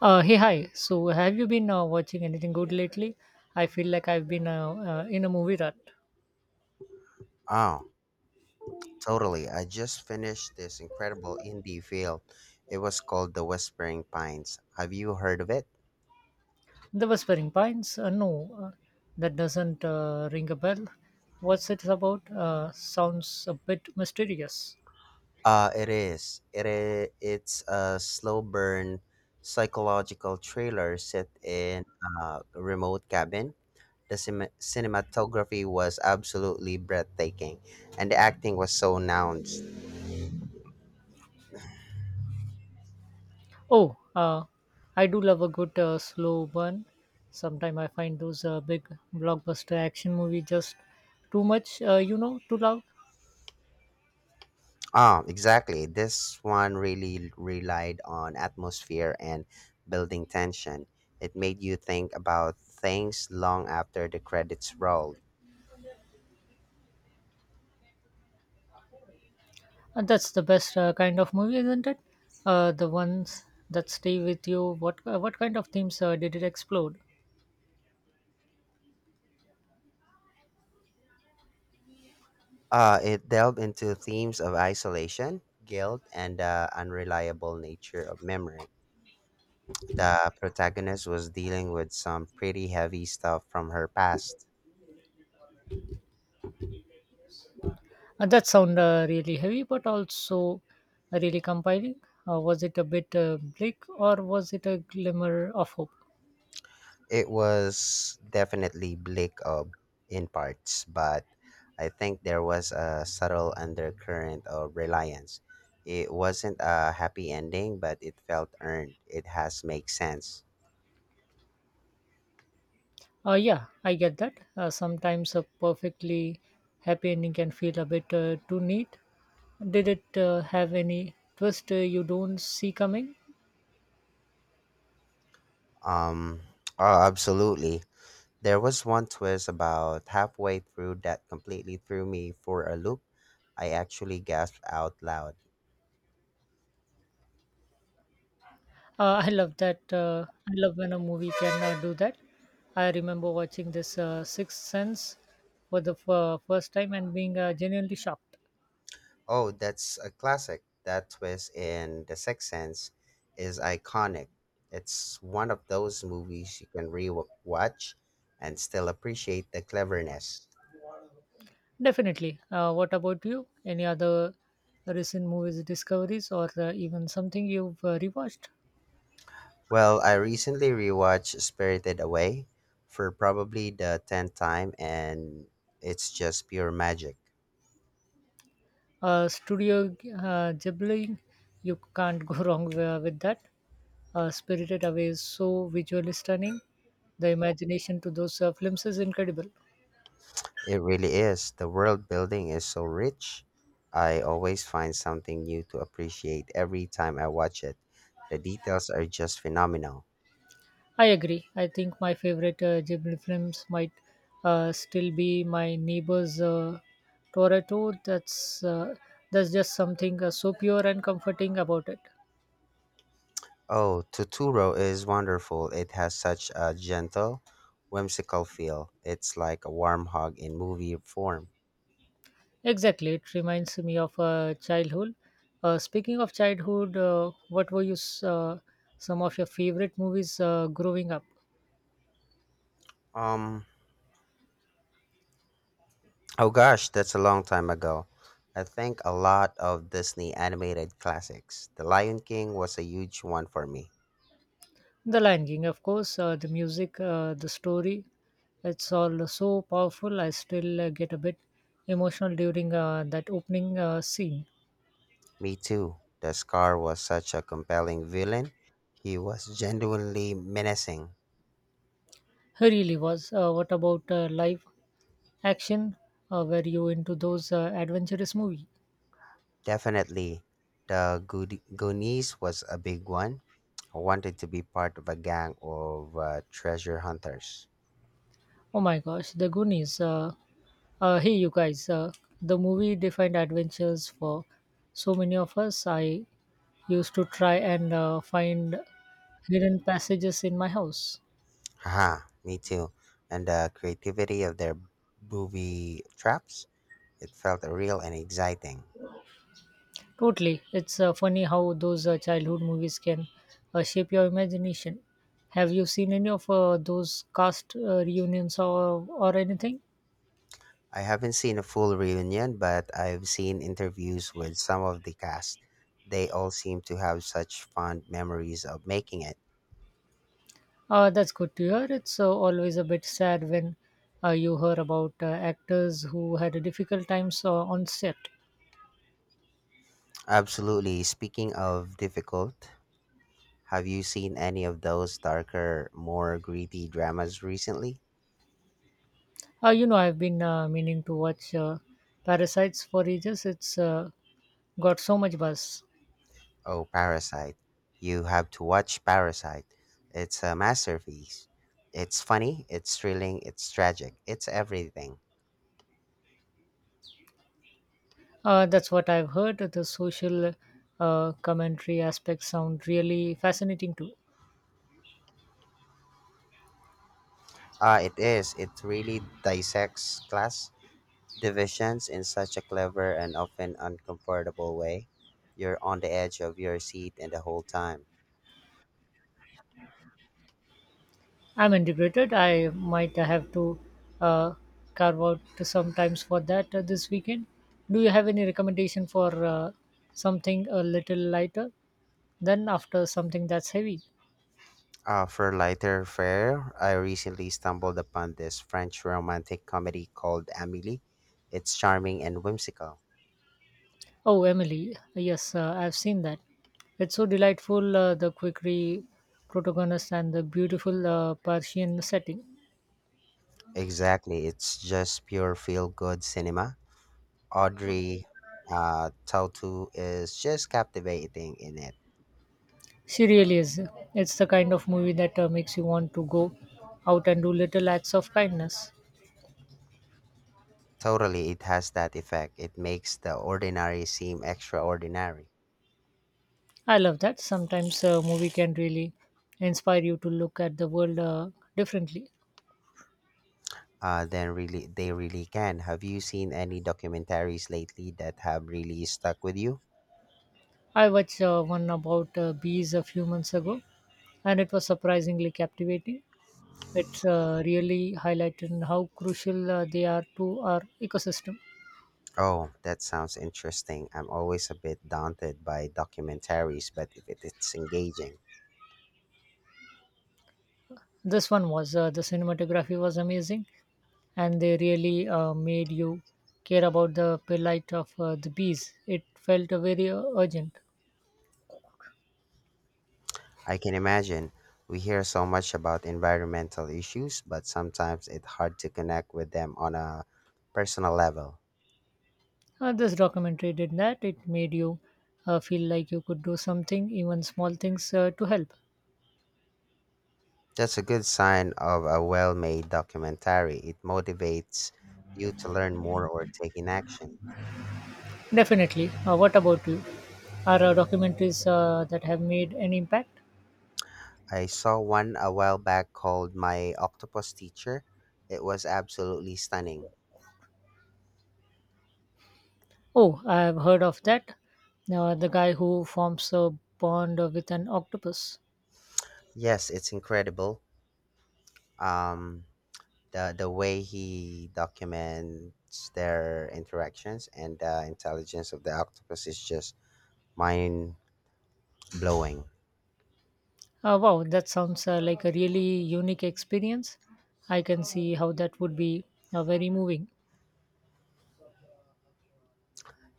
Hey, hi. So, have you been watching anything good lately? I feel like I've been in a movie rut. Oh, totally. I just finished this incredible indie film. It was called The Whispering Pines. Have you heard of it? The Whispering Pines? No, that doesn't ring a bell. What's it about? Sounds a bit mysterious. It is. It is. It's a slow burn psychological thriller set in a remote cabin. The cinematography was absolutely breathtaking, and the acting was so nuanced. Oh, I do love a good slow burn. Sometimes I find those big blockbuster action movies just too much, too loud. Ah, exactly. This one really relied on atmosphere and building tension. It made you think about things long after the credits rolled. That's the best kind of movie, isn't it? The ones that stay with you. What kind of themes did it explore? It delved into themes of isolation, guilt, and the unreliable nature of memory. The protagonist was dealing with some pretty heavy stuff from her past. That sound really heavy, but also really compelling. Was it a bit bleak, or was it a glimmer of hope? It was definitely bleak of in parts, but I think there was a subtle undercurrent of reliance. It wasn't a happy ending, but it felt earned. It has make sense. Yeah, I get that. Sometimes a perfectly happy ending can feel a bit too neat. Did it have any twist you don't see coming? Um, oh, absolutely. There was one twist about halfway through that completely threw me for a loop. I actually gasped out loud. I love that. I love when a movie can do that. I remember watching this Sixth Sense for the first time and being genuinely shocked. Oh, that's a classic. That twist in The Sixth Sense is iconic. It's one of those movies you can re-watch and still appreciate the cleverness. Definitely. What about you? Any other recent movies discoveries or even something you've rewatched? Well, I recently rewatched Spirited Away for probably the 10th time, and it's just pure magic. Studio Ghibli, you can't go wrong with that. Spirited Away is so visually stunning. The imagination to those films is incredible. It really is. The world building is so rich. I always find something new to appreciate every time I watch it. The details are just phenomenal. I agree. I think my favorite Ghibli films might still be my neighbor's Toretto. That's just something so pure and comforting about it. Oh, Totoro is wonderful. It has such a gentle, whimsical feel. It's like a warm hug in movie form. Exactly, it reminds me of childhood. Speaking of childhood, what were some of your favorite movies growing up? Um, oh gosh, that's a long time ago. I think a lot of Disney animated classics. The Lion King was a huge one for me. The Lion King, of course. The music, the story, it's all so powerful. I still get a bit emotional during that opening scene. Me too. The Scar was such a compelling villain. He was genuinely menacing. He really was. What about live action? Were you into those adventurous movie? Definitely. The Good Goonies was a big one. Wanted to be part of a gang of treasure hunters. Oh my gosh, The Goonies. Hey, you guys. The movie defined adventures for so many of us. I used to try and find hidden passages in my house. Haha, me too. And the creativity of their booby traps, it felt real and exciting. Totally. It's funny how those childhood movies can shape your imagination. Have you seen any of those cast reunions or anything? I haven't seen a full reunion, but I've seen interviews with some of the cast. They all seem to have such fond memories of making it. That's good to hear. It's always a bit sad when you hear about actors who had a difficult times on set. Absolutely. Speaking of difficult, have you seen any of those darker, more gritty dramas recently? You know, I've been meaning to watch Parasites for ages. It's got so much buzz. Oh, Parasite. You have to watch Parasite. It's a masterpiece. It's funny, it's thrilling, it's tragic, it's everything. That's what I've heard. The social commentary aspects sound really fascinating too. Ah, it is. It really dissects class divisions in such a clever and often uncomfortable way. You're on the edge of your seat and the whole time. I'm integrated. I might have to uh, carve out sometimes for that this weekend. Do you have any recommendation for something a little lighter than after something that's heavy? For lighter fare, I recently stumbled upon this French romantic comedy called Amelie. It's charming and whimsical. Oh, Emily, yes, I've seen that. It's so delightful, the quickery protagonist and the beautiful Persian setting. Exactly. It's just pure feel good cinema. Audrey Tautou is just captivating in it. She really is. It's the kind of movie that makes you want to go out and do little acts of kindness. Totally, it has that effect. It makes the ordinary seem extraordinary. I love that. Sometimes a movie can really inspire you to look at the world differently. They really can. Have you seen any documentaries lately that have really stuck with you? I watched one about bees a few months ago, and it was surprisingly captivating. It's really highlighted how crucial they are to our ecosystem. Oh, that sounds interesting. I'm always a bit daunted by documentaries, but if it- it's engaging. This one was the cinematography was amazing, and they really made you care about the plight of the bees. It felt very urgent. I can imagine. We hear so much about environmental issues, but sometimes it's hard to connect with them on a personal level. This documentary did that. It made you feel like you could do something, even small things, to help. That's a good sign of a well made documentary. It motivates you to learn more or taking action. Definitely. What about you? Are documentaries that have made an impact? I saw one a while back called My Octopus Teacher. It was absolutely stunning. Oh, I have heard of that. The guy who forms a bond with an octopus. Yes, it's incredible. Um, the way he documents their interactions and the intelligence of the octopus is just mind blowing. Wow, that sounds like a really unique experience. I can see how that would be very moving.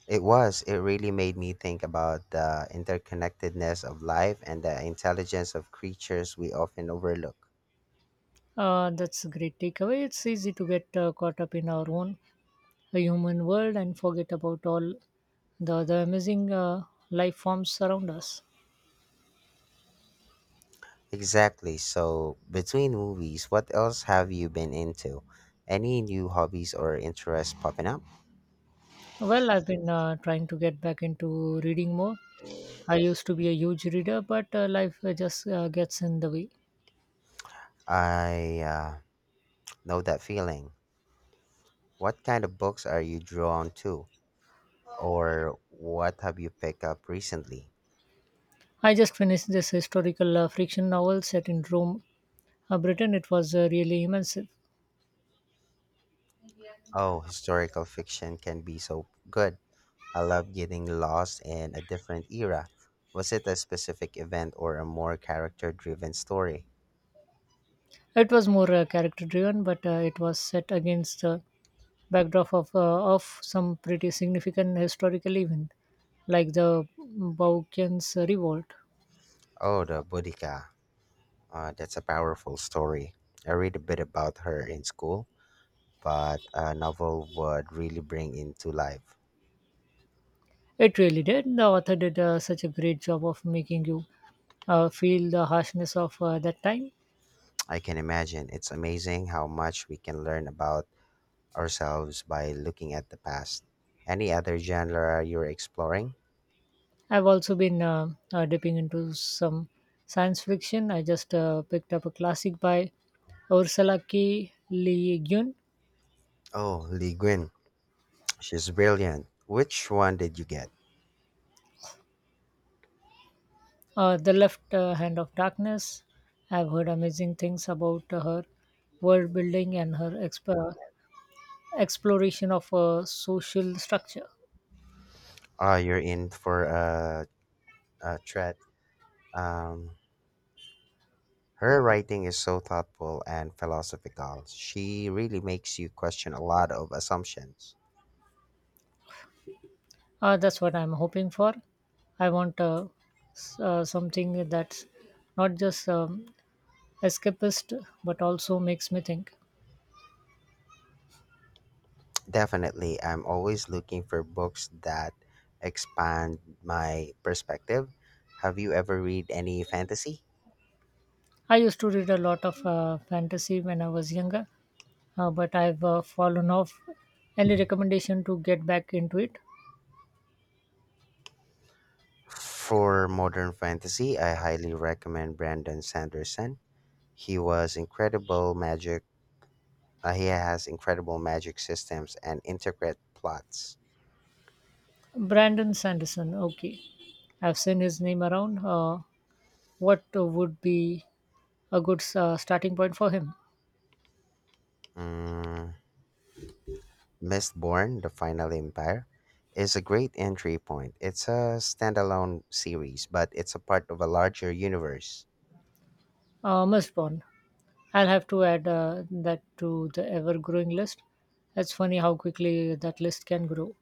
It was. It really made me think about the interconnectedness of life and the intelligence of creatures we often overlook. That's a great takeaway. It's easy to get caught up in our own human world and forget about all the other amazing life forms around us. Exactly. So, between movies, what else have you been into? Any new hobbies or interests popping up? Well, I've been trying to get back into reading more. I used to be a huge reader, but life just gets in the way. I know that feeling. What kind of books are you drawn to? Or what have you picked up recently? I just finished this historical fiction novel set in Rome, Britain. It was really immersive. Oh, historical fiction can be so good. I love getting lost in a different era. Was it a specific event or a more character driven story? It was more character driven, but it was set against the backdrop of some pretty significant historical event like the Bouchian's revolt. Oh, the Boudica. That's a powerful story. I read a bit about her in school, but a novel would really bring into life. It really did. The author did such a great job of making you feel the harshness of that time. I can imagine. It's amazing how much we can learn about ourselves by looking at the past. Any other genre you're exploring? I've also been dipping into some science fiction. I just picked up a classic by Ursula K. Le Guin, Oh, Lee Guin. She's brilliant. Which one did you get? The Left Hand of Darkness. I've heard amazing things about her world building and her exploration of a social structure. Oh, you're in for a treat. Um, Her writing is so thoughtful and philosophical. She really makes you question a lot of assumptions. That's what I'm hoping for. I want something that's not just escapist but also makes me think. Definitely, I'm always looking for books that expand my perspective. Have you ever read any fantasy? I used to read a lot of fantasy when I was younger, but I've fallen off. Any recommendation to get back into it? For modern fantasy, I highly recommend Brandon Sanderson. He was incredible magic. He has incredible magic systems and intricate plots. Brandon Sanderson, okay. I've seen his name around. What would be a good starting point for him? Mm, Mistborn: The Final Empire is a great entry point. It's a standalone series, but it's a part of a larger universe. Mistborn. I'll have to add that to the ever growing list. It's funny how quickly that list can grow.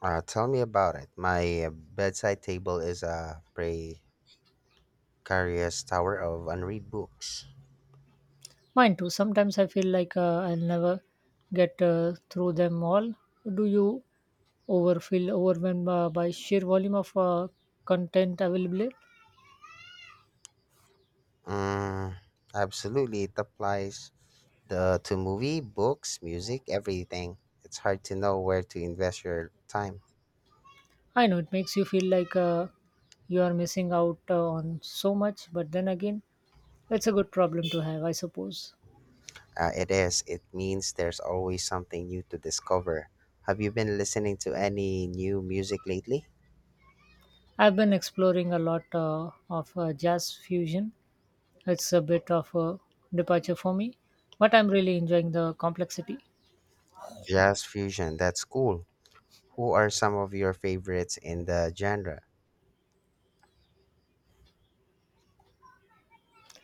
Tell me about it. My bedside table is a precarious tower of unread books. Mine too. Sometimes I feel like I'll never get through them all. Do you over feel overwhelmed by sheer volume of content available? Mm, absolutely, it applies. The to movie, books, music, everything. It's hard to know where to invest your time. I know it makes you feel like you are missing out on so much, but then again, it's a good problem to have, I suppose. It is. It means there's always something new to discover. Have you been listening to any new music lately? I've been exploring a lot of jazz fusion. It's a bit of a departure for me, but I'm really enjoying the complexity. Jazz fusion. That's cool. Who are some of your favorites in the genre?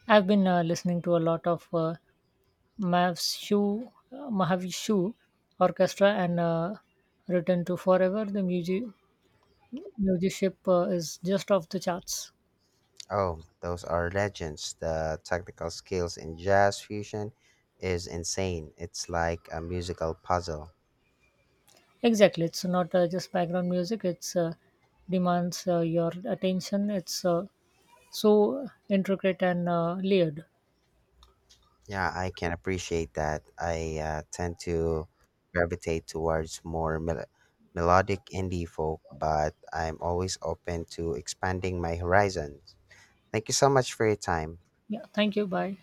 I've been listening to a lot of Mahavishnu Orchestra and Return to Forever. The musicship is just off the charts. Oh, those are legends. The technical skills in jazz fusion is insane. It's like a musical puzzle. Exactly, it's not just background music. It's demands your attention. It's so intricate and layered. Yeah, I can appreciate that. I tend to gravitate towards more melodic indie folk, but I'm always open to expanding my horizons. Thank you so much for your time. Yeah, thank you. Bye.